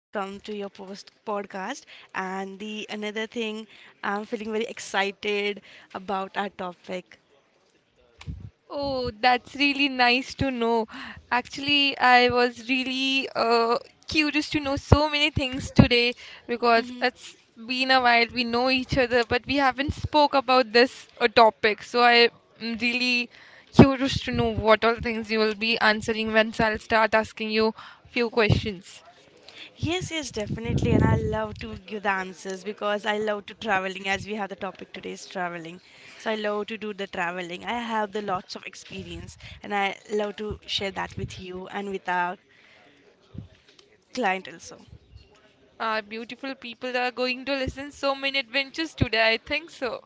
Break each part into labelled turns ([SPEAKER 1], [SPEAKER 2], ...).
[SPEAKER 1] to come to your post podcast. And the another thing, I'm feeling very excited about our topic.
[SPEAKER 2] Oh, that's really nice to know. Actually, I was really curious to know so many things today because it's been a while. We know each other, but we haven't spoke about this topic. So I'm really curious to know what all things you will be answering once I'll start asking you few questions.
[SPEAKER 1] Yes, yes, definitely. And I love to give the answers because I love to traveling as we have the topic today is traveling. So I love to do the traveling. I have the lots of experience and I love to share that with you and with our client also.
[SPEAKER 2] Our beautiful people are going to listen so many adventures today. I think so.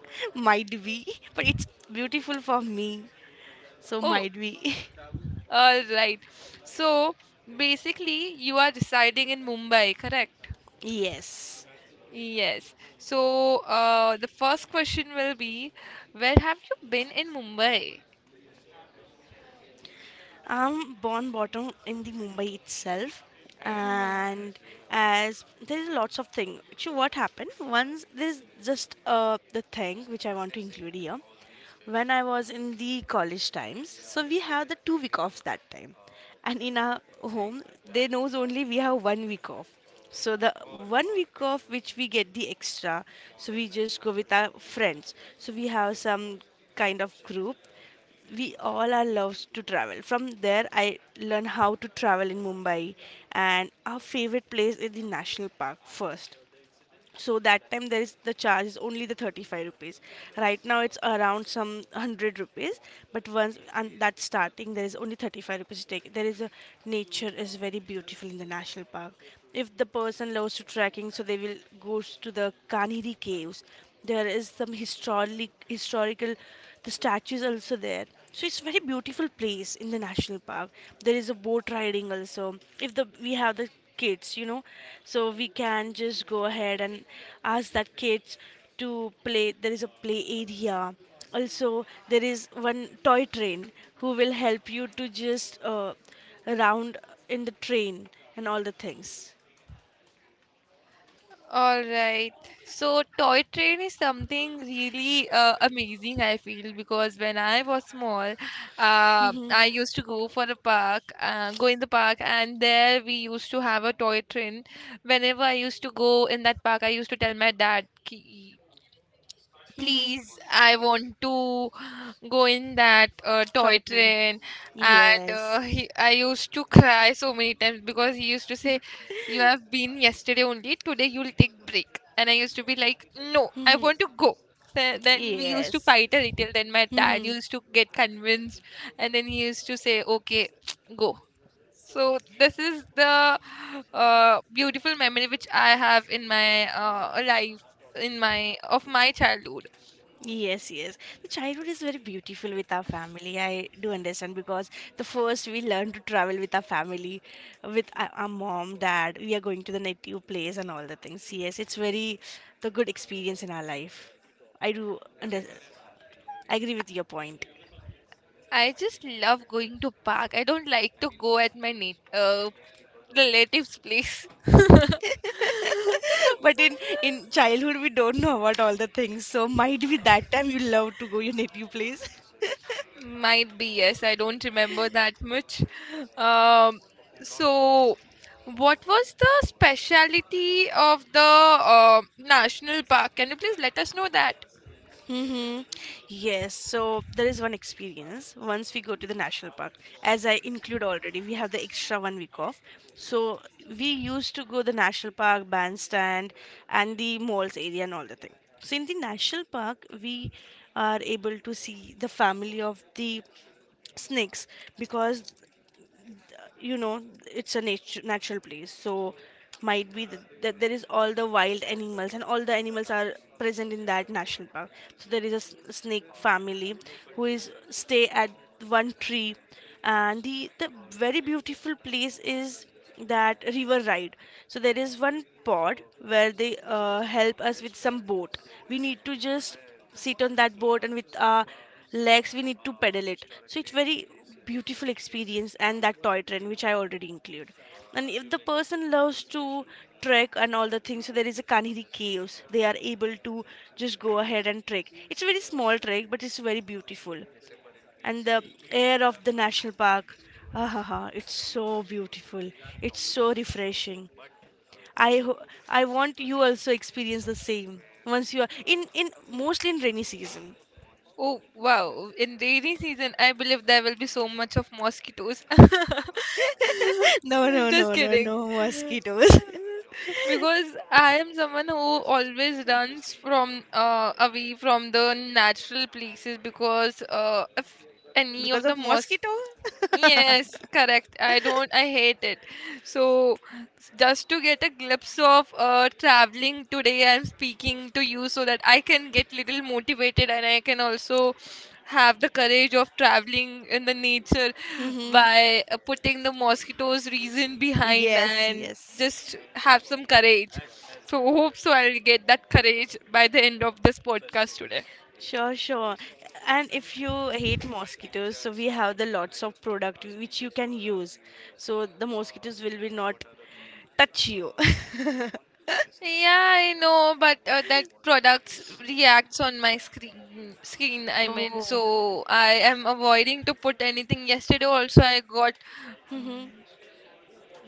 [SPEAKER 1] Might be, but it's beautiful for me. So
[SPEAKER 2] Oh,
[SPEAKER 1] might be.
[SPEAKER 2] all right. So basically, you are residing in Mumbai, correct?
[SPEAKER 1] Yes.
[SPEAKER 2] Yes. So the first question will be, where have you been in Mumbai?
[SPEAKER 1] I'm born bottom in the Mumbai itself,
[SPEAKER 2] Mhm.
[SPEAKER 1] and as there is lots of thing. Actually, what happened once? There's just the thing which I want to include here. When I was in the college times, so we have the 2 week offs that time, and in our home they knows only we have 1 week off. So the 1 week off which we get the extra, so we just go with our friends. So we have some kind of group, we all are loves to travel. From there I learn how to travel in Mumbai, and our favorite place is the national park first. So that time there is the charge is only the ₹35. Right now it's around some ₹100, but once and that's starting there is only ₹35 to take. There is a nature is very beautiful in the national park. If the person loves to trekking, so they will goes to the Kanheri caves. There is some historic historical the statues also there. So it's very beautiful place in the national park. There is a boat riding also. If the we have the kids, so we can just go ahead and ask that kids to play. There is a play area, also there is one toy train who will help you to just round in the train and all the things.
[SPEAKER 2] All right. So toy train is something really amazing, I feel, because when I was small, uh,
[SPEAKER 1] Hmm.
[SPEAKER 2] I used to go for a park, go in the park, and there we used to have a toy train. Whenever I used to go in that park, I used to tell my dad,
[SPEAKER 1] Hmm.
[SPEAKER 2] Please I want to go in that toy
[SPEAKER 1] Toy train,
[SPEAKER 2] train." And
[SPEAKER 1] yes.
[SPEAKER 2] I used to cry so many times because he used to say, you have been yesterday only, today you'll take break. And I used to be like, no I want to go. Then we used to
[SPEAKER 1] Yes.
[SPEAKER 2] fight a little, then my dad
[SPEAKER 1] Hmm.
[SPEAKER 2] used to get convinced, and then he used to say, okay go. So this is the beautiful memory which I have in my life, in my of my childhood.
[SPEAKER 1] Yes, yes. The childhood is very beautiful with our family. I do understand because the first we learn to travel with our family, with our mom, dad. We are going to the native place and all the things. Yes, it's very the good experience in our life. I do under, I agree with your point.
[SPEAKER 2] I just love going to park. I don't like to go at my relatives' place.
[SPEAKER 1] But in childhood we don't know about all the things. So might be that time you love to go your native place.
[SPEAKER 2] Might be, yes. I don't remember that much. Um, so, what was the speciality of the national park? Can you please let us know that?
[SPEAKER 1] Mm-hmm. Yes, so there is one experience once we go to the national park. As I include already, we have the extra 1 week off. So we used to go the national park, bandstand, and the malls area and all the thing. So in the national park, we are able to see the family of the snakes because you know it's a natural place. So might be that there is all the wild animals and all the animals are present in that national park. So there is a snake family who is stay at one tree. And the very beautiful place is that river ride. So there is one pod where they help us with some boat. We need to just sit on that boat and with our legs we need to pedal it. So it's very beautiful experience, and that toy train which I already include. And if the person loves to trek and all the things, so there is a Kanheri caves, they are able to just go ahead and trek. It's a very small trek, but it's very beautiful. And the air of the national park, ah, it's so beautiful. It's so refreshing. i ho- I want you also experience the same once you are in mostly in rainy season.
[SPEAKER 2] Oh, wow. In rainy season, I believe there will be so much of mosquitoes. I'm
[SPEAKER 1] No, no,
[SPEAKER 2] just
[SPEAKER 1] no, no,
[SPEAKER 2] kidding.
[SPEAKER 1] no mosquitoes.
[SPEAKER 2] Because I am someone who always runs from away from the natural places because if any
[SPEAKER 1] Because
[SPEAKER 2] of the
[SPEAKER 1] of
[SPEAKER 2] mosque.
[SPEAKER 1] mosquito?
[SPEAKER 2] Yes, correct. I don't, I hate it. So, just to get a glimpse of traveling today, I'm speaking to you so that I can get little motivated and I can also have the courage of traveling in the nature
[SPEAKER 1] Hmm.
[SPEAKER 2] by putting the mosquitoes reason behind
[SPEAKER 1] Yes,
[SPEAKER 2] and
[SPEAKER 1] yes.
[SPEAKER 2] just have some courage. So, hope so I'll get that courage by the end of this podcast today.
[SPEAKER 1] Sure, sure. And if you hate mosquitoes, so we have the lots of product which you can use. So the mosquitoes will be not touch you.
[SPEAKER 2] Yeah, I know, but that products reacts on my screen. Screen, I mean,
[SPEAKER 1] Oh.
[SPEAKER 2] so I am avoiding to put anything. Yesterday also, I got
[SPEAKER 1] Hmm.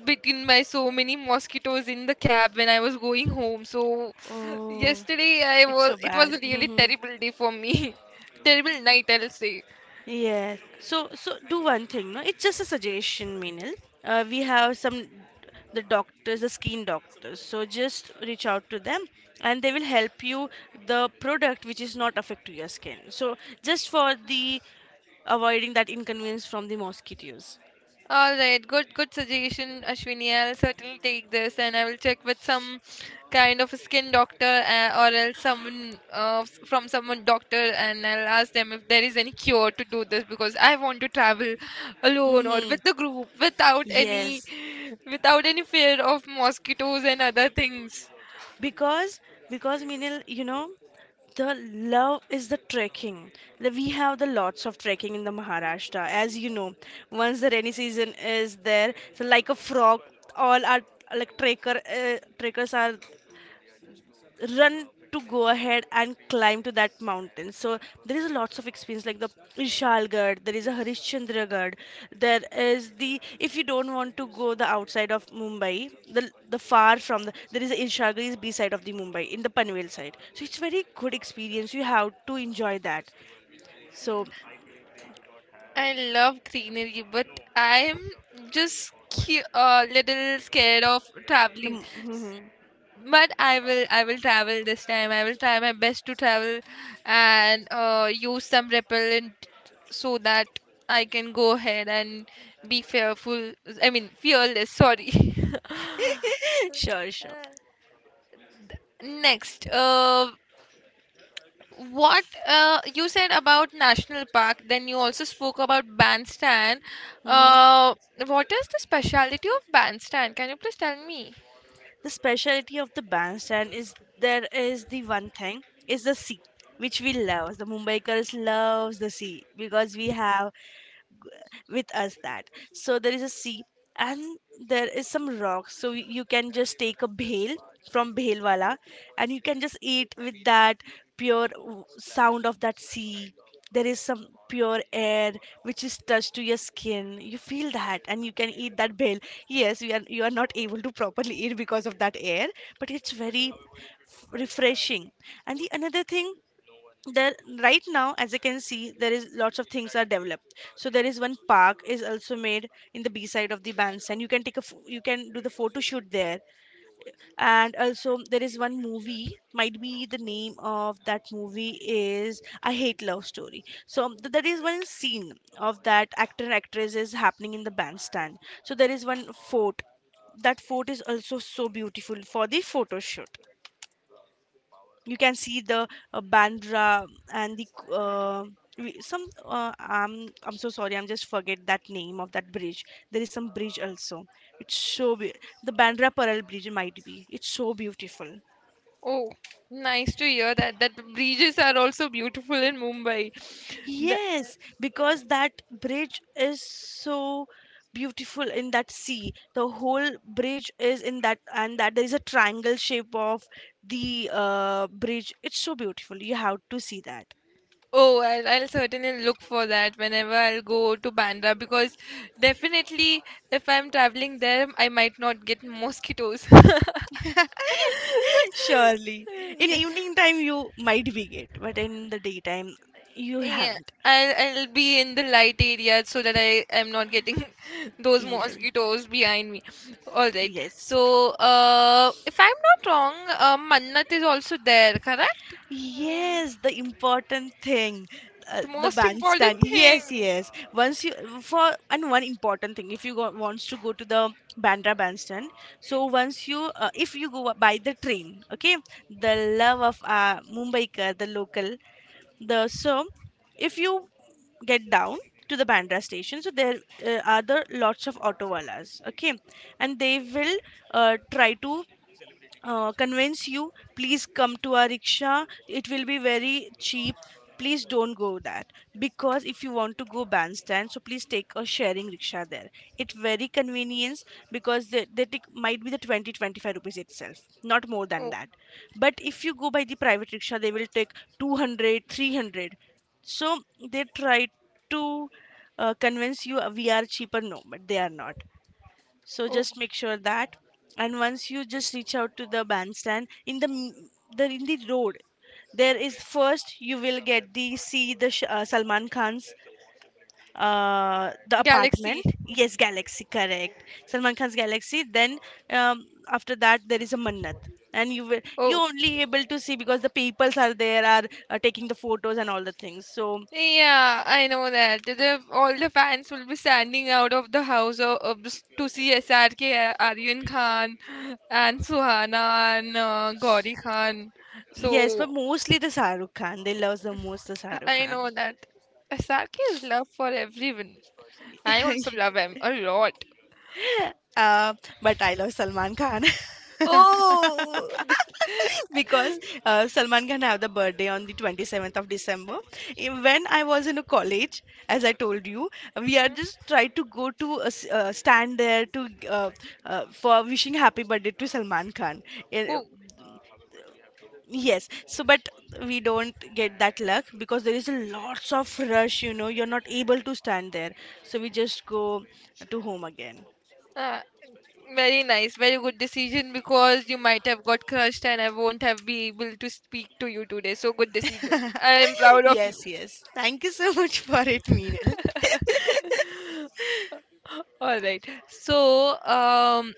[SPEAKER 2] bitten by so many mosquitoes in the cab when I was going home. So
[SPEAKER 1] Oh,
[SPEAKER 2] yesterday, I
[SPEAKER 1] it's
[SPEAKER 2] was.
[SPEAKER 1] so
[SPEAKER 2] It was
[SPEAKER 1] bad.
[SPEAKER 2] a really
[SPEAKER 1] Hmm.
[SPEAKER 2] terrible day for me. terrible night, I'll say.
[SPEAKER 1] Yes. So so do one thing, no? It's just a suggestion, Meenal. We have some the doctors, the skin doctors. So just reach out to them, and they will help you the product which is not affect to your skin. So just for the avoiding that inconvenience from the mosquitoes.
[SPEAKER 2] All right, good suggestion, Ashwini. I'll certainly take this and I will check with some kind of a skin doctor or else someone from someone doctor and I'll ask them if there is any cure to do this because I want to travel alone or
[SPEAKER 1] Mm-hmm.
[SPEAKER 2] with the group without any
[SPEAKER 1] Yes,
[SPEAKER 2] without any fear of mosquitoes and other things.
[SPEAKER 1] because because Meenal, The love is the trekking. The- We have the lots of trekking in the Maharashtra, as you know. Once the rainy season is there, so like a frog, all our like trekker trekkers are run to go ahead and climb to that mountain. So there is lots of experience like the Ishalgarh, there is a Harishchandragarh, there is the if you don't want to go the outside of Mumbai, the far from the there is a Ishalgarh is B side of the Mumbai in the Panvel side. So it's very good experience. You have to enjoy that. So
[SPEAKER 2] I love greenery, but I'm just a little scared of traveling.
[SPEAKER 1] the
[SPEAKER 2] But I will travel this time. I will try my best to travel and use some repellent so that I can go ahead and be fearful, I mean fearless, sorry.
[SPEAKER 1] sure, sure.
[SPEAKER 2] Next, what you said about national park, then you also spoke about bandstand.
[SPEAKER 1] Hmm.
[SPEAKER 2] uh what is the specialty of bandstand? Can you please tell me?
[SPEAKER 1] The specialty of the bandstand is there is the one thing is the sea, which we love. The Mumbaikars loves the sea because we have with us that. So there is a sea, and there is some rocks. So you can just take a bhel from bhelwala, and you can just eat with that pure sound of that sea. There is some pure air which is touched to your skin, you feel that and you can eat that bhel. Yes, you are not able to properly eat because of that air, but it's very refreshing. And the another thing, there right now as you can see there is lots of things are developed. So there is one park is also made in the B side of the bandstand. You can take a you can do the photo shoot there. And also there is one movie, might be the name of that movie is I Hate Love Story. So there is one scene of that actor and actress is happening in the bandstand. So there is one fort, that fort is also so beautiful for the photo shoot. You can see the Bandra and the some I'm so sorry, I'm just forget that name of that bridge. There is some bridge also. It's so be- the Bandra Pearl Bridge might be. It's so beautiful.
[SPEAKER 2] Oh, nice to hear that. That the beaches are also beautiful in Mumbai. The-
[SPEAKER 1] Yes, because that bridge is so beautiful in that sea. The whole bridge is in that, and that there is a triangle shape of the bridge. It's so beautiful. You have to see that.
[SPEAKER 2] oh, I'll certainly look for that whenever I'll go to Bandra, because definitely if I'm traveling there, I might not get mosquitoes.
[SPEAKER 1] Surely. In
[SPEAKER 2] Yes,
[SPEAKER 1] evening time you might be get, but in the daytime you
[SPEAKER 2] yeah,
[SPEAKER 1] haven't.
[SPEAKER 2] I'll be in the light area so that I am not getting those
[SPEAKER 1] Yes.
[SPEAKER 2] mosquitoes behind me. All right.
[SPEAKER 1] Yes.
[SPEAKER 2] So, if I'm not wrong, Mannat is also there, correct? Uh,
[SPEAKER 1] Yes, the important thing,
[SPEAKER 2] The
[SPEAKER 1] the
[SPEAKER 2] most important
[SPEAKER 1] bandstand. Yes,
[SPEAKER 2] thing.
[SPEAKER 1] yes. Once you for and one important thing, if you go, wants to go to the Bandra bandstand, so once you if you go by the train, okay, the love of Mumbai ka, the local. The so if you get down to the Bandra station, so there are the lots of auto wallahs, okay, and they will try to convince you, please come to our rickshaw, it will be very cheap. Please don't go that, because if you want to go bandstand, so please take a sharing rickshaw there. It very convenience, because the tick might be the twenty twenty five rupees itself, not more than
[SPEAKER 2] Oh,
[SPEAKER 1] that. But if you go by the private rickshaw they will take 200 300. So they try to convince you, we are cheaper, no, but they are not. So
[SPEAKER 2] oh,
[SPEAKER 1] just make sure that. And once you just reach out to the bandstand in the the in the road, there is first you will get the see the Salman Khan's the
[SPEAKER 2] galaxy.
[SPEAKER 1] apartment, yes, Galaxy, correct, Salman Khan's Galaxy. Then after that there is a Mannat, and you will you
[SPEAKER 2] Oh,
[SPEAKER 1] only able to see because the peoples are there are taking the photos and all the things. So
[SPEAKER 2] yeah, I know that. All the fans will be standing out of the house to see SRK, Aryan Khan, and Suhana, and Gauri Khan.
[SPEAKER 1] yes, but
[SPEAKER 2] So
[SPEAKER 1] mostly the Shahrukh Khan, they love the most the Shahrukh
[SPEAKER 2] I
[SPEAKER 1] Khan.
[SPEAKER 2] know that. Asaki is love for everyone. I also love him a lot.
[SPEAKER 1] Uh, but I love Salman Khan.
[SPEAKER 2] Oh, this.
[SPEAKER 1] Because Salman Khan have the birthday on the 27th of December. Eh, when I was in a college, as I told you, we are
[SPEAKER 2] Mhm.
[SPEAKER 1] just try to go to a stand there to for wishing happy birthday to Salman Khan. Eh,
[SPEAKER 2] Oh,
[SPEAKER 1] yes, so but we don't get that luck because there is a lots of rush. You know, you're not able to stand there, so we just go to home again.
[SPEAKER 2] ah, very nice. Very good decision, because you might have got crushed and I won't have been able to speak to you today. So good decision. I am proud of you.
[SPEAKER 1] Yes, yes. Thank you so much for it, Meenal.
[SPEAKER 2] All right. So,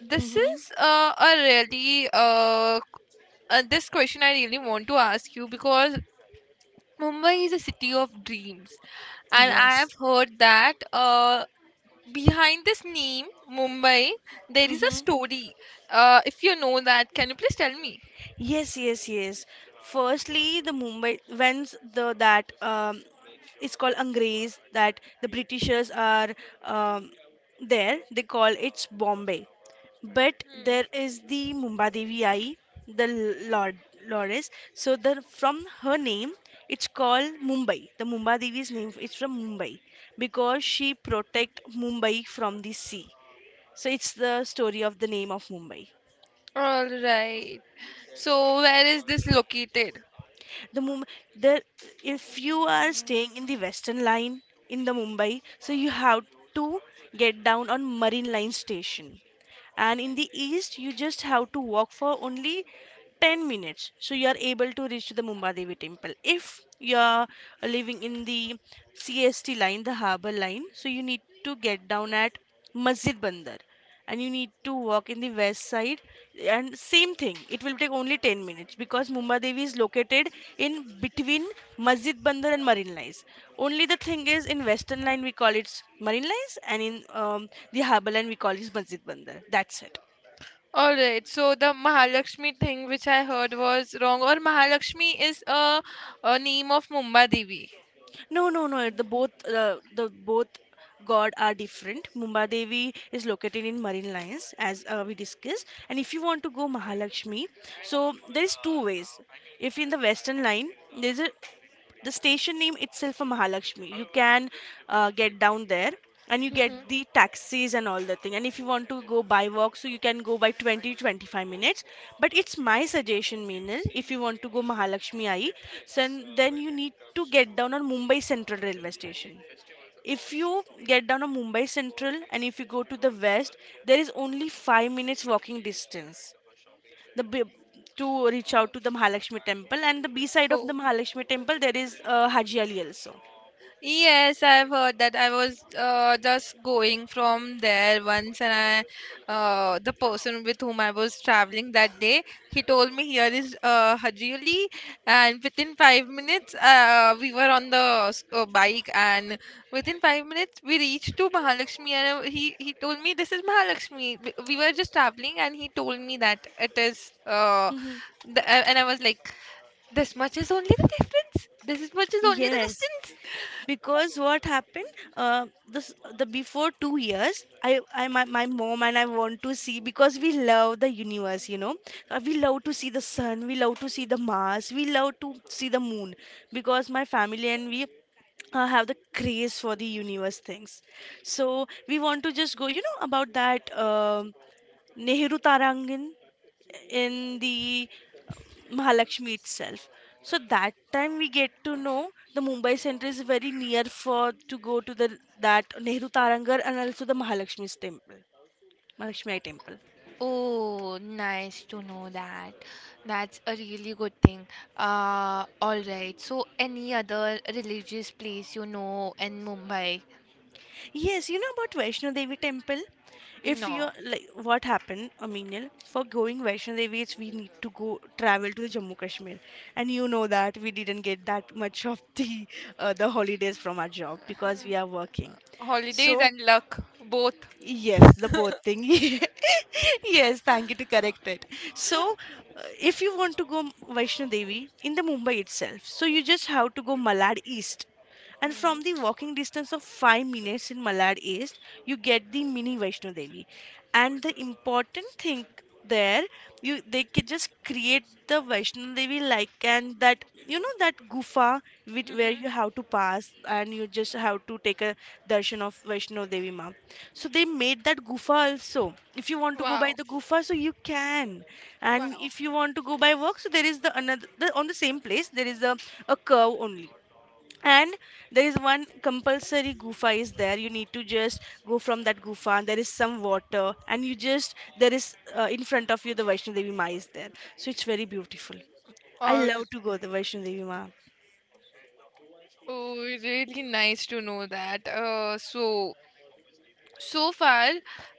[SPEAKER 2] this
[SPEAKER 1] Mm-hmm.
[SPEAKER 2] is a really this question I really want to ask you, because Mumbai is a city of dreams, and I
[SPEAKER 1] Yes.
[SPEAKER 2] have heard that behind this name, Mumbai, there is a
[SPEAKER 1] Mm-hmm.
[SPEAKER 2] story. If you know that, can you please tell me?
[SPEAKER 1] Yes, yes, yes. Firstly, the Mumbai when's the that it's called Angrez that the Britishers are um, there. They call it's Bombay, but
[SPEAKER 2] Hmm.
[SPEAKER 1] there is the Mumbai Devi Ai, the Lord Lordess. So the from her name, it's called Mumbai. The Mumbai Devi's name it's from Mumbai because she protect Mumbai from the sea. So it's the story of the name of Mumbai.
[SPEAKER 2] All right. So, where is this located?
[SPEAKER 1] The mum the If you are staying in the western line in the Mumbai, so you have to get down on Marine Line station, and in the east you just have to walk for only 10 minutes, so you are able to reach to the Mumbai Devi temple. If you are living in the CST line, the harbor line, so you need to get down at Masjid Bandar, and you need to walk in the west side, and same thing it will take only 10 minutes because Mumbai Devi is located in between Masjid Bandar and Marine Lines. Only the thing is in western line we call it Marine Lines, and in um, the harbour line we call it Masjid Bandar, that's it.
[SPEAKER 2] All right. So, the Mahalakshmi thing which I heard was wrong, or Mahalakshmi is a name of Mumba Devi.
[SPEAKER 1] No, no, no, the both the both god are different. Mumbai Devi is located in Marine Lines, as we discussed, and if you want to go Mahalakshmi, so there is two ways. If in the western line there's a the station name itself a Mahalakshmi, you can get down there, and you get
[SPEAKER 2] Hmm.
[SPEAKER 1] the taxis and all the thing. And if you want to go by walk, so you can go by 20 25 minutes. But it's my suggestion, Meenal, if you want to go Mahalakshmi Ai, so then you need to get down on Mumbai Central railway station. If you get down on Mumbai Central and if you go to the west, there is only 5 minutes walking distance the b- to reach out to the Mahalakshmi temple. And the B side of the
[SPEAKER 2] Oh.
[SPEAKER 1] Mahalakshmi temple there is Haji Ali also.
[SPEAKER 2] Yes, I've heard that. I was just going from there once, and the person with whom I was traveling that day, he told me here is Hajuli, and within 5 minutes, we were on the bike, and within 5 minutes we reached to Mahalakshmi, and he told me this is Mahalakshmi. We were just traveling, and he told me that and I was like, this much is only the difference. This is much is only the
[SPEAKER 1] Yes,
[SPEAKER 2] distance.
[SPEAKER 1] because what happened? This the Before 2 years, I my mom and I want to see because we love the universe, you know. We love to see the sun, we love to see the Mars, we love to see the moon because my family and we have the craze for the universe things. So we want to just go, you know, about that Nehru Tarangin. In the uh, Mahalakshmi itself. So that time we get to know the Mumbai center is very near for to go to the that Nehru Tarangar and also the Mahalakshmi's temple. Mahalakshmi temple.
[SPEAKER 2] Oh, nice to know that. That's a really good thing. All right. So, any other religious place you know in Mumbai?
[SPEAKER 1] Yes, you know about Vaishno Devi temple. If you
[SPEAKER 2] No,
[SPEAKER 1] like, what happened, Aminil? For going Vaishno Devi, it's we need to go travel to the Jammu Kashmir, and you know that we didn't get that much of the the holidays from our job because we are working.
[SPEAKER 2] holidays
[SPEAKER 1] So
[SPEAKER 2] and luck, both.
[SPEAKER 1] yes, the both thing. Yes, thank you to correct it. So, if you want to go Vaishno Devi in the Mumbai itself, so you just have to go Malad East, and from the
[SPEAKER 2] Hmm.
[SPEAKER 1] walking distance of 5 minutes in Malad East you get the mini Vaishno Devi. And the important thing there, you they could just create the Vaishno Devi like, and that you know that gufa with where
[SPEAKER 2] Mhm.
[SPEAKER 1] you have to pass, and you just have to take a darshan of Vaishno Devi Ma. So they made that gufa also. If you want to go by
[SPEAKER 2] Wow,
[SPEAKER 1] the gufa, so you can. And
[SPEAKER 2] wow.
[SPEAKER 1] if you want to go by walk, so there is on the same place there is a curve only. And there is one compulsory gufa is there, you need to just go from that gufa. There is some water, and you just there is in front of you the Vaishno Devi Ma is there, so it's very beautiful. I
[SPEAKER 2] Oh,
[SPEAKER 1] love to go the Vaishno Devi Ma.
[SPEAKER 2] oh, really nice to know that. So far,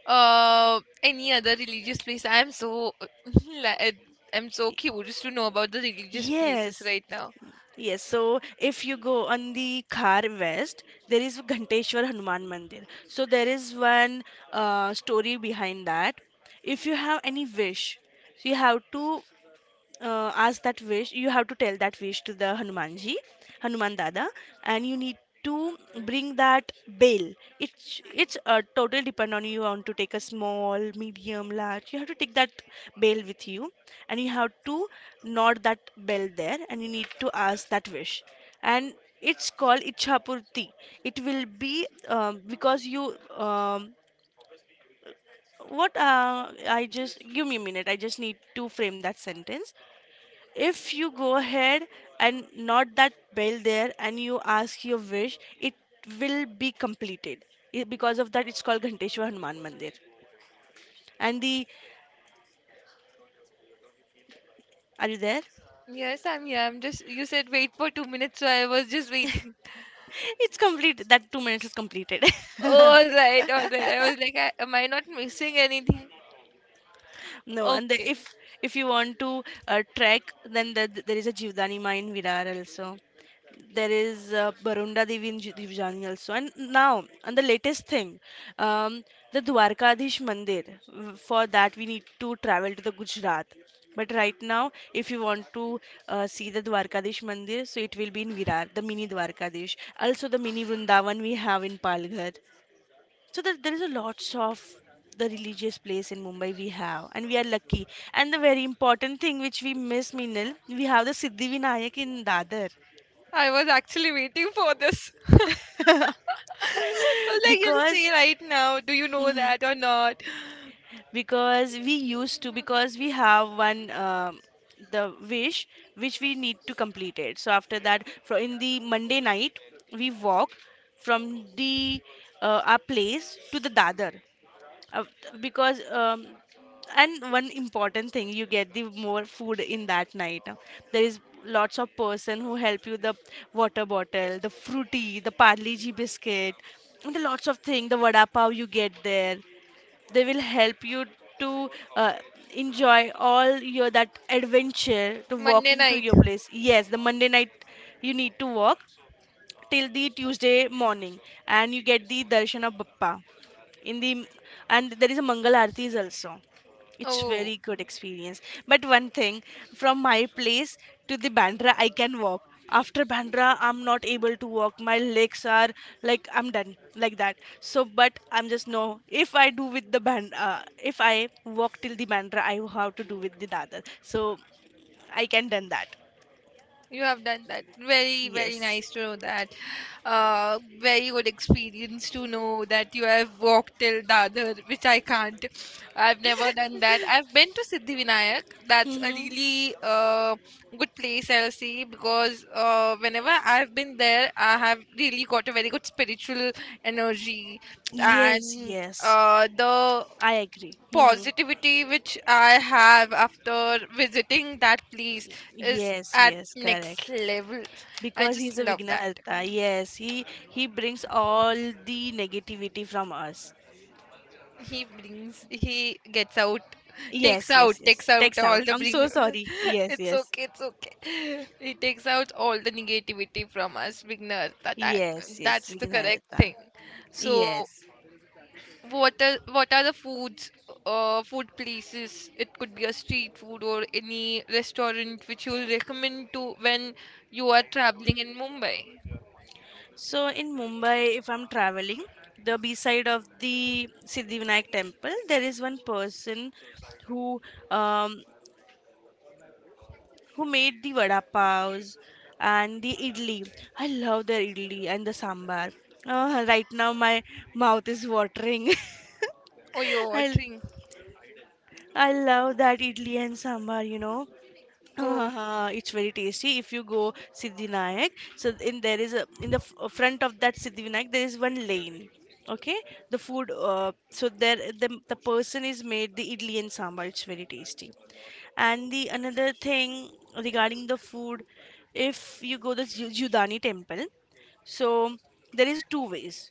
[SPEAKER 2] any other religious place? I'm so, like, I'm so curious to know about the religious places
[SPEAKER 1] Yes,
[SPEAKER 2] right now.
[SPEAKER 1] yes, so if you go on the Khar West, there is Ghanteshwar Hanuman Mandir. So there is one story behind that. If you have any wish, so you have to ask that wish, you have to tell that wish to the Hanumanji, Hanuman Dada. And you need to bring that bale. It's total depend on you, want to take a small, medium, large. You have to take that bale with you, and you have to knot that bell there, and you need to ask that wish. And it's called ichhapurti. It will be because you um, what I just give me a minute, I just need to frame that sentence. If you go ahead and not that bell there and you ask your wish, it will be completed. Because of that, it's called Ghanteshwar Hanuman Mandir. And the are you there?
[SPEAKER 2] Yes, I'm here. You said wait for 2 minutes, so I was just waiting.
[SPEAKER 1] It's complete, that 2 minutes is completed.
[SPEAKER 2] All right, all right. I was like, am I not missing anything?
[SPEAKER 1] No, and the,
[SPEAKER 2] Okay.
[SPEAKER 1] if you want to trek, then the, there is a Jivdani mine in Virar also. There is Barunda Devi in Jivdani also. And now, and the latest thing, um, the Dwarkadish Mandir. For that, we need to travel to the Gujarat. But right now, if you want to see the Dwarkadish Mandir, so it will be in Virar, the mini Dwarkadish. Also, the mini Vrindavan we have in Palghar. So there is a lots of the religious place in Mumbai we have, and we are lucky. And the very important thing which we miss, Meenal, we have the Siddhivinayak in Dadar.
[SPEAKER 2] I was actually waiting for this. I was like, you'll
[SPEAKER 1] because
[SPEAKER 2] see right now. Do you know that or not?
[SPEAKER 1] because we used to, because we have one the wish which we need to complete it, so after that for in the Monday night we walk from the our place to the Dadar, uh, because and one important thing, you get the more food in that night. There is lots of person who help you the water bottle, the Fruity, the Parle G biscuit, and the lots of thing, the vada pav you get there. They will help you to uh, enjoy all your that adventure to
[SPEAKER 2] Monday
[SPEAKER 1] walking to
[SPEAKER 2] night.
[SPEAKER 1] your place. Yes, the Monday night you need to walk till the Tuesday morning, and you get the darshan of Bappa. In the and there is a Mangal Aarti also. It's
[SPEAKER 2] Oh.
[SPEAKER 1] very good experience. But one thing, from my place to the Bandra, I can walk. After Bandra, I'm not able to walk. My legs are like I'm done like that. So, but I'm just no. If I do with the band, if I walk till the Bandra, I have to do with the Dadar. So I can done that.
[SPEAKER 2] You have done that. Very, very
[SPEAKER 1] Yes.
[SPEAKER 2] nice to know that. Very good experience to know that you have walked till Dadar, which I can't. I've never done that. I've been to Siddhivinayak. That's a
[SPEAKER 1] Hmm.
[SPEAKER 2] really good place, I'll say, because whenever I've been there, I have really got a very good spiritual energy.
[SPEAKER 1] Yes.
[SPEAKER 2] And
[SPEAKER 1] Yes.
[SPEAKER 2] the
[SPEAKER 1] I agree. Hmm.
[SPEAKER 2] positivity which I have after visiting that place is
[SPEAKER 1] Yes,
[SPEAKER 2] at
[SPEAKER 1] yes,
[SPEAKER 2] next
[SPEAKER 1] correct.
[SPEAKER 2] level. I
[SPEAKER 1] Because
[SPEAKER 2] just
[SPEAKER 1] he's a
[SPEAKER 2] love that.
[SPEAKER 1] Vignaharta. Yes, he brings all the negativity from us.
[SPEAKER 2] He brings, he gets out, takes
[SPEAKER 1] Yes, yes,
[SPEAKER 2] out,
[SPEAKER 1] yes.
[SPEAKER 2] takes out
[SPEAKER 1] Text
[SPEAKER 2] all
[SPEAKER 1] out.
[SPEAKER 2] the
[SPEAKER 1] I'm so
[SPEAKER 2] bring.
[SPEAKER 1] sorry. Yes,
[SPEAKER 2] It's
[SPEAKER 1] yes.
[SPEAKER 2] okay, it's okay. He takes out all the negativity from us beginners.
[SPEAKER 1] Yes, yes,
[SPEAKER 2] That's the correct
[SPEAKER 1] Vignaharta.
[SPEAKER 2] thing. So
[SPEAKER 1] Yes.
[SPEAKER 2] what are the foods, food places? It could be a street food or any restaurant which you'll recommend to when you are traveling in Mumbai.
[SPEAKER 1] So in Mumbai, if I'm traveling, the B side of the Siddhivinayak temple, there is one person who um, who made the vada paos and the idli. I love their idli and the sambar. Right now, my mouth is watering.
[SPEAKER 2] Or you're
[SPEAKER 1] I
[SPEAKER 2] watering.
[SPEAKER 1] I love that idli and sambar, you know.
[SPEAKER 2] Oh,
[SPEAKER 1] It's very tasty if you go Siddhinayak. So in there is a in the front of that Siddhinayak there is one lane. Okay, the food. So there the person is made the idli and sambar. It's very tasty. And the another thing regarding the food, if you go the Judani temple, so there is two ways.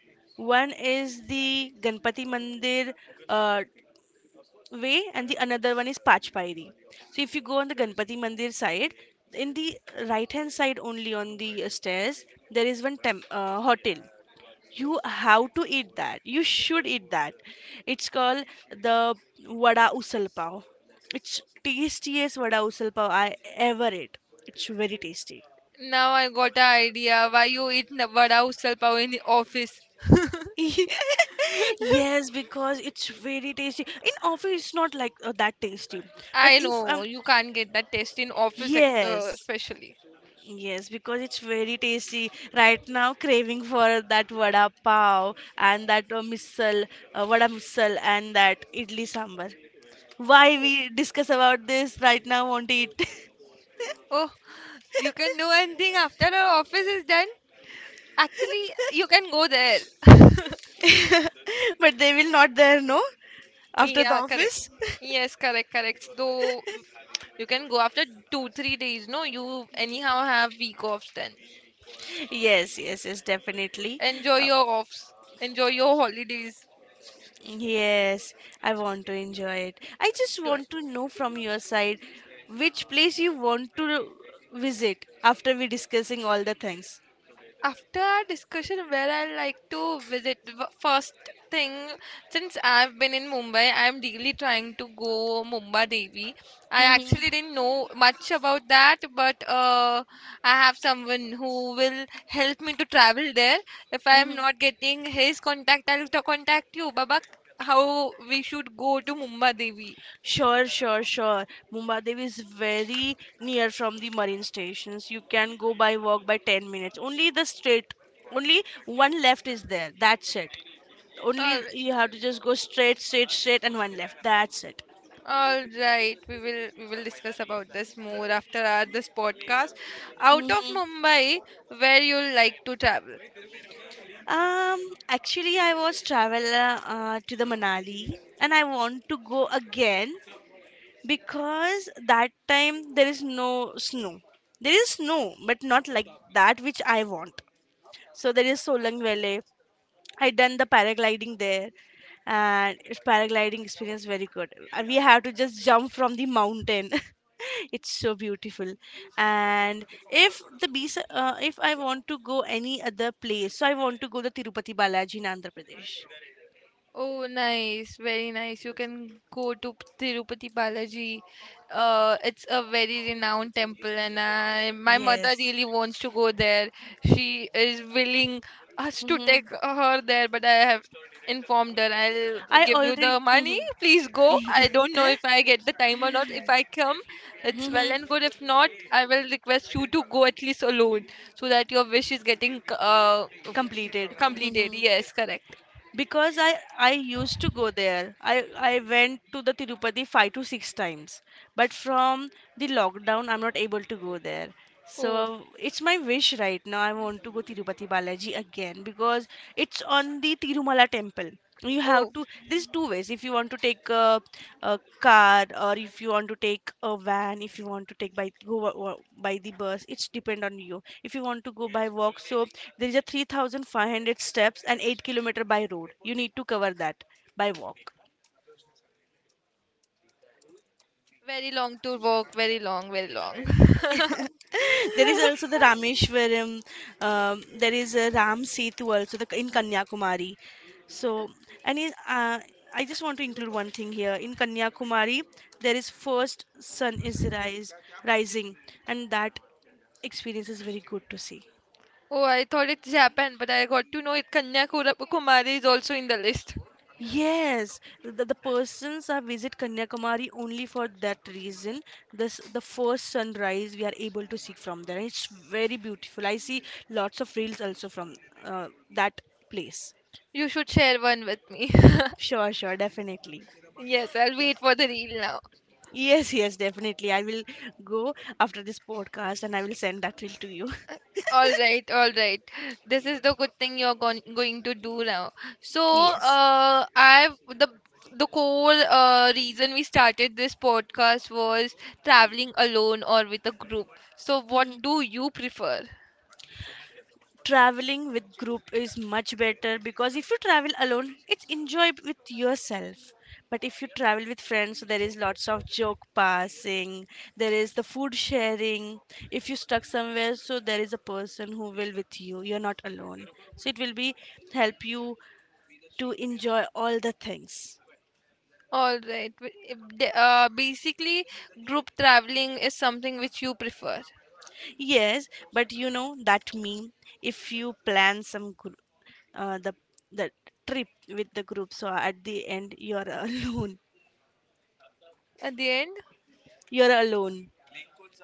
[SPEAKER 1] One is the Ganpati Mandir. Uh, Way and the another one is Pachpairi. So if you go on the Ganpati Mandir side, in the right hand side only on the stairs, there is one hotel. You have to eat that. You should eat that. It's called the Vada Usal Pav. It's tastiest Vada Usal Pav I ever ate. It's very tasty.
[SPEAKER 2] now I got an idea why you eat vada usal pav in the office.
[SPEAKER 1] Yes, because it's very tasty. In office, it's not like that tasty. But
[SPEAKER 2] I
[SPEAKER 1] if
[SPEAKER 2] know you can't get that taste in office,
[SPEAKER 1] yes,
[SPEAKER 2] especially.
[SPEAKER 1] Yes, because it's very tasty. Right now, craving for that vada pav and that misal, vada misal and that idli sambar. Why
[SPEAKER 2] Oh,
[SPEAKER 1] we discuss about this right now? Want to eat,
[SPEAKER 2] oh, you can do anything after our office is done? Actually, you can go there.
[SPEAKER 1] but they will not there. No, after the
[SPEAKER 2] Yeah, correct.
[SPEAKER 1] office.
[SPEAKER 2] Yes, correct, correct. Though you can go after two, 3 days. No, you anyhow have week offs then.
[SPEAKER 1] Yes, yes, yes, definitely.
[SPEAKER 2] Enjoy
[SPEAKER 1] Uh,
[SPEAKER 2] your offs. Enjoy your holidays.
[SPEAKER 1] yes, I want to enjoy it. I just want to know from your side which place you want to visit after we discussing all the things.
[SPEAKER 2] After our discussion, where I like to visit first thing, since I've been in Mumbai, I'm really trying to go Mumbai Devi. I actually didn't know much about that, but I have someone who will help me to travel there. If I'm not getting his contact, I'll to contact you, babak, how we should go to Mumbai Devi.
[SPEAKER 1] Sure, sure, sure. Mumbadev is very near from the marine stations. You can go by walk by 10 minutes. Only the straight, only one left is there. That's it. Only you have to just go straight, straight, straight, and one left. That's it.
[SPEAKER 2] All right, we will discuss about this more after our this podcast. Out of
[SPEAKER 1] Hmm.
[SPEAKER 2] Mumbai, where you like to travel?
[SPEAKER 1] Um, Actually, I was traveler to the Manali, and I want to go again because that time there is no snow. There is snow, but not like that which I want. So there is Solang Valley. I done the paragliding there, and it's paragliding experience very good. And we have to just jump from the mountain. It's so beautiful. And if the beach, if I want to go any other place, so I want to go the Tirupati Balaji in Andhra Pradesh.
[SPEAKER 2] Oh, nice. Very nice. You can go to Tirupati Balaji. It's a very renowned temple, and my mother
[SPEAKER 1] Yes.
[SPEAKER 2] really wants to go there. She is willing us to
[SPEAKER 1] Hmm.
[SPEAKER 2] take her there, but I have informed her I'll
[SPEAKER 1] I
[SPEAKER 2] give you
[SPEAKER 1] already.
[SPEAKER 2] the money. Please go.
[SPEAKER 1] Hmm.
[SPEAKER 2] I don't know if I get the time or not. If I come, it's well and good. If not, I will request you to go at least alone so that your wish is getting
[SPEAKER 1] Completed.
[SPEAKER 2] completed.
[SPEAKER 1] Hmm,
[SPEAKER 2] Yes, correct.
[SPEAKER 1] because I used to go there, I went to the Tirupati 5 to 6 times, but from the lockdown I'm not able to go there. So
[SPEAKER 2] Oh,
[SPEAKER 1] it's my wish right now, I want to go Tirupati Balaji again because it's on the Tirumala temple. You have
[SPEAKER 2] oh.
[SPEAKER 1] to there's two ways, if you want to take a car, or if you want to take a van, if you want to take by go by the bus, it's depend on you. If you want to go by walk, so there is a 3,500 steps and 8-kilometer by road you need to cover that by walk.
[SPEAKER 2] Very long to walk, very long, very long.
[SPEAKER 1] There is also the Rameshwaram. There is a Ram Setu also the, in Kanyakumari. So, and in, I just want to include one thing here. In Kanyakumari, there is first sun is rise, rising, and that experience is very good to see.
[SPEAKER 2] Oh, I thought it's Japan, but I got to know it Kanyakumari is also in the list.
[SPEAKER 1] Yes, the persons are visit Kanyakumari only for that reason. This the first sunrise we are able to see from there. It's very beautiful. I see lots of reels also from uh, that place.
[SPEAKER 2] You should share one with me.
[SPEAKER 1] Sure, sure, definitely.
[SPEAKER 2] Yes, I'll wait for the reel now.
[SPEAKER 1] Yes, yes, definitely. I will go after this podcast and I will send that reel to you.
[SPEAKER 2] All right, all right. This is the good thing you're going to do now. So,
[SPEAKER 1] Yes.
[SPEAKER 2] I the core reason we started this podcast was traveling alone or with a group. So, what
[SPEAKER 1] Mhm.
[SPEAKER 2] do you prefer?
[SPEAKER 1] Traveling with group is much better because if you travel alone, it's enjoy with yourself. But if you travel with friends, so there is lots of joke passing, there is the food sharing. If you stuck somewhere, so there is a person who will with you. You're not alone. So it will be help you to enjoy all the things.
[SPEAKER 2] All right. Wi- if the- Basically, group traveling is something which you prefer.
[SPEAKER 1] Yes, but you know that meme. If you plan some gr- uh, the the trip with the group, so at the end you're alone.
[SPEAKER 2] At the end,
[SPEAKER 1] You're alone.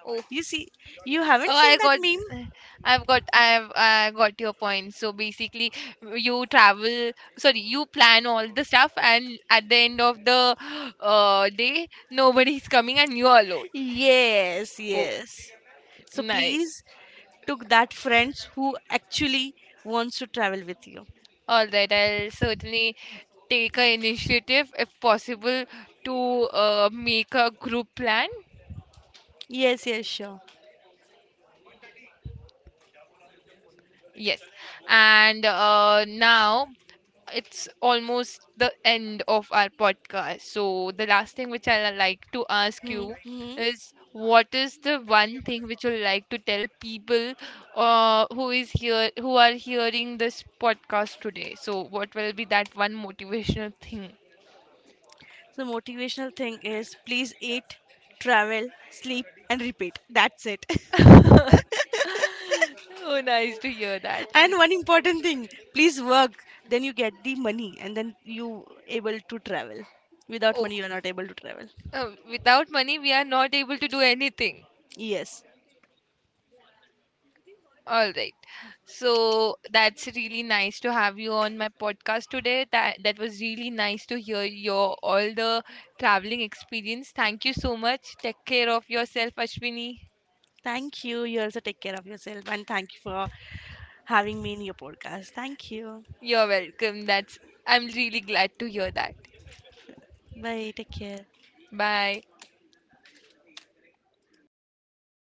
[SPEAKER 2] oh,
[SPEAKER 1] You see, you haven't
[SPEAKER 2] oh, I
[SPEAKER 1] seen that meme.
[SPEAKER 2] got, I've, I got your point. So basically, you travel. Sorry, you plan all the stuff, and at the end of the day, nobody's coming, and you're alone.
[SPEAKER 1] Yes,
[SPEAKER 2] Oh,
[SPEAKER 1] yes. So
[SPEAKER 2] nice.
[SPEAKER 1] please took that friends who actually wants to travel with you.
[SPEAKER 2] All right. I'll certainly take a initiative if possible to make a group plan.
[SPEAKER 1] Yes, yes, sure.
[SPEAKER 2] Yes. And now it's almost the end of our podcast. So, the last thing which I'd like to ask
[SPEAKER 1] Mm-hmm,
[SPEAKER 2] you
[SPEAKER 1] mm-hmm.
[SPEAKER 2] is, what is the one thing which you'd like to tell people who is here who are hearing this podcast today? So, what will be that one motivational thing?
[SPEAKER 1] So motivational thing is please eat, travel, sleep, and repeat. That's it.
[SPEAKER 2] Oh, nice to hear that.
[SPEAKER 1] And one important thing, please work, then you get the money and then you able to travel. Without
[SPEAKER 2] Oh,
[SPEAKER 1] money you are not able to travel.
[SPEAKER 2] without money, we are not able to do anything.
[SPEAKER 1] Yes,
[SPEAKER 2] All right. So that's really nice to have you on my podcast today. That was really nice to hear your all the traveling experience. Thank you so much. Take care of yourself, Ashwini.
[SPEAKER 1] thank you, you also take care of yourself, and thank you for having me in your podcast. Thank you.
[SPEAKER 2] You're welcome. That's I'm really glad to hear that.
[SPEAKER 1] Bye, take care.
[SPEAKER 2] Bye.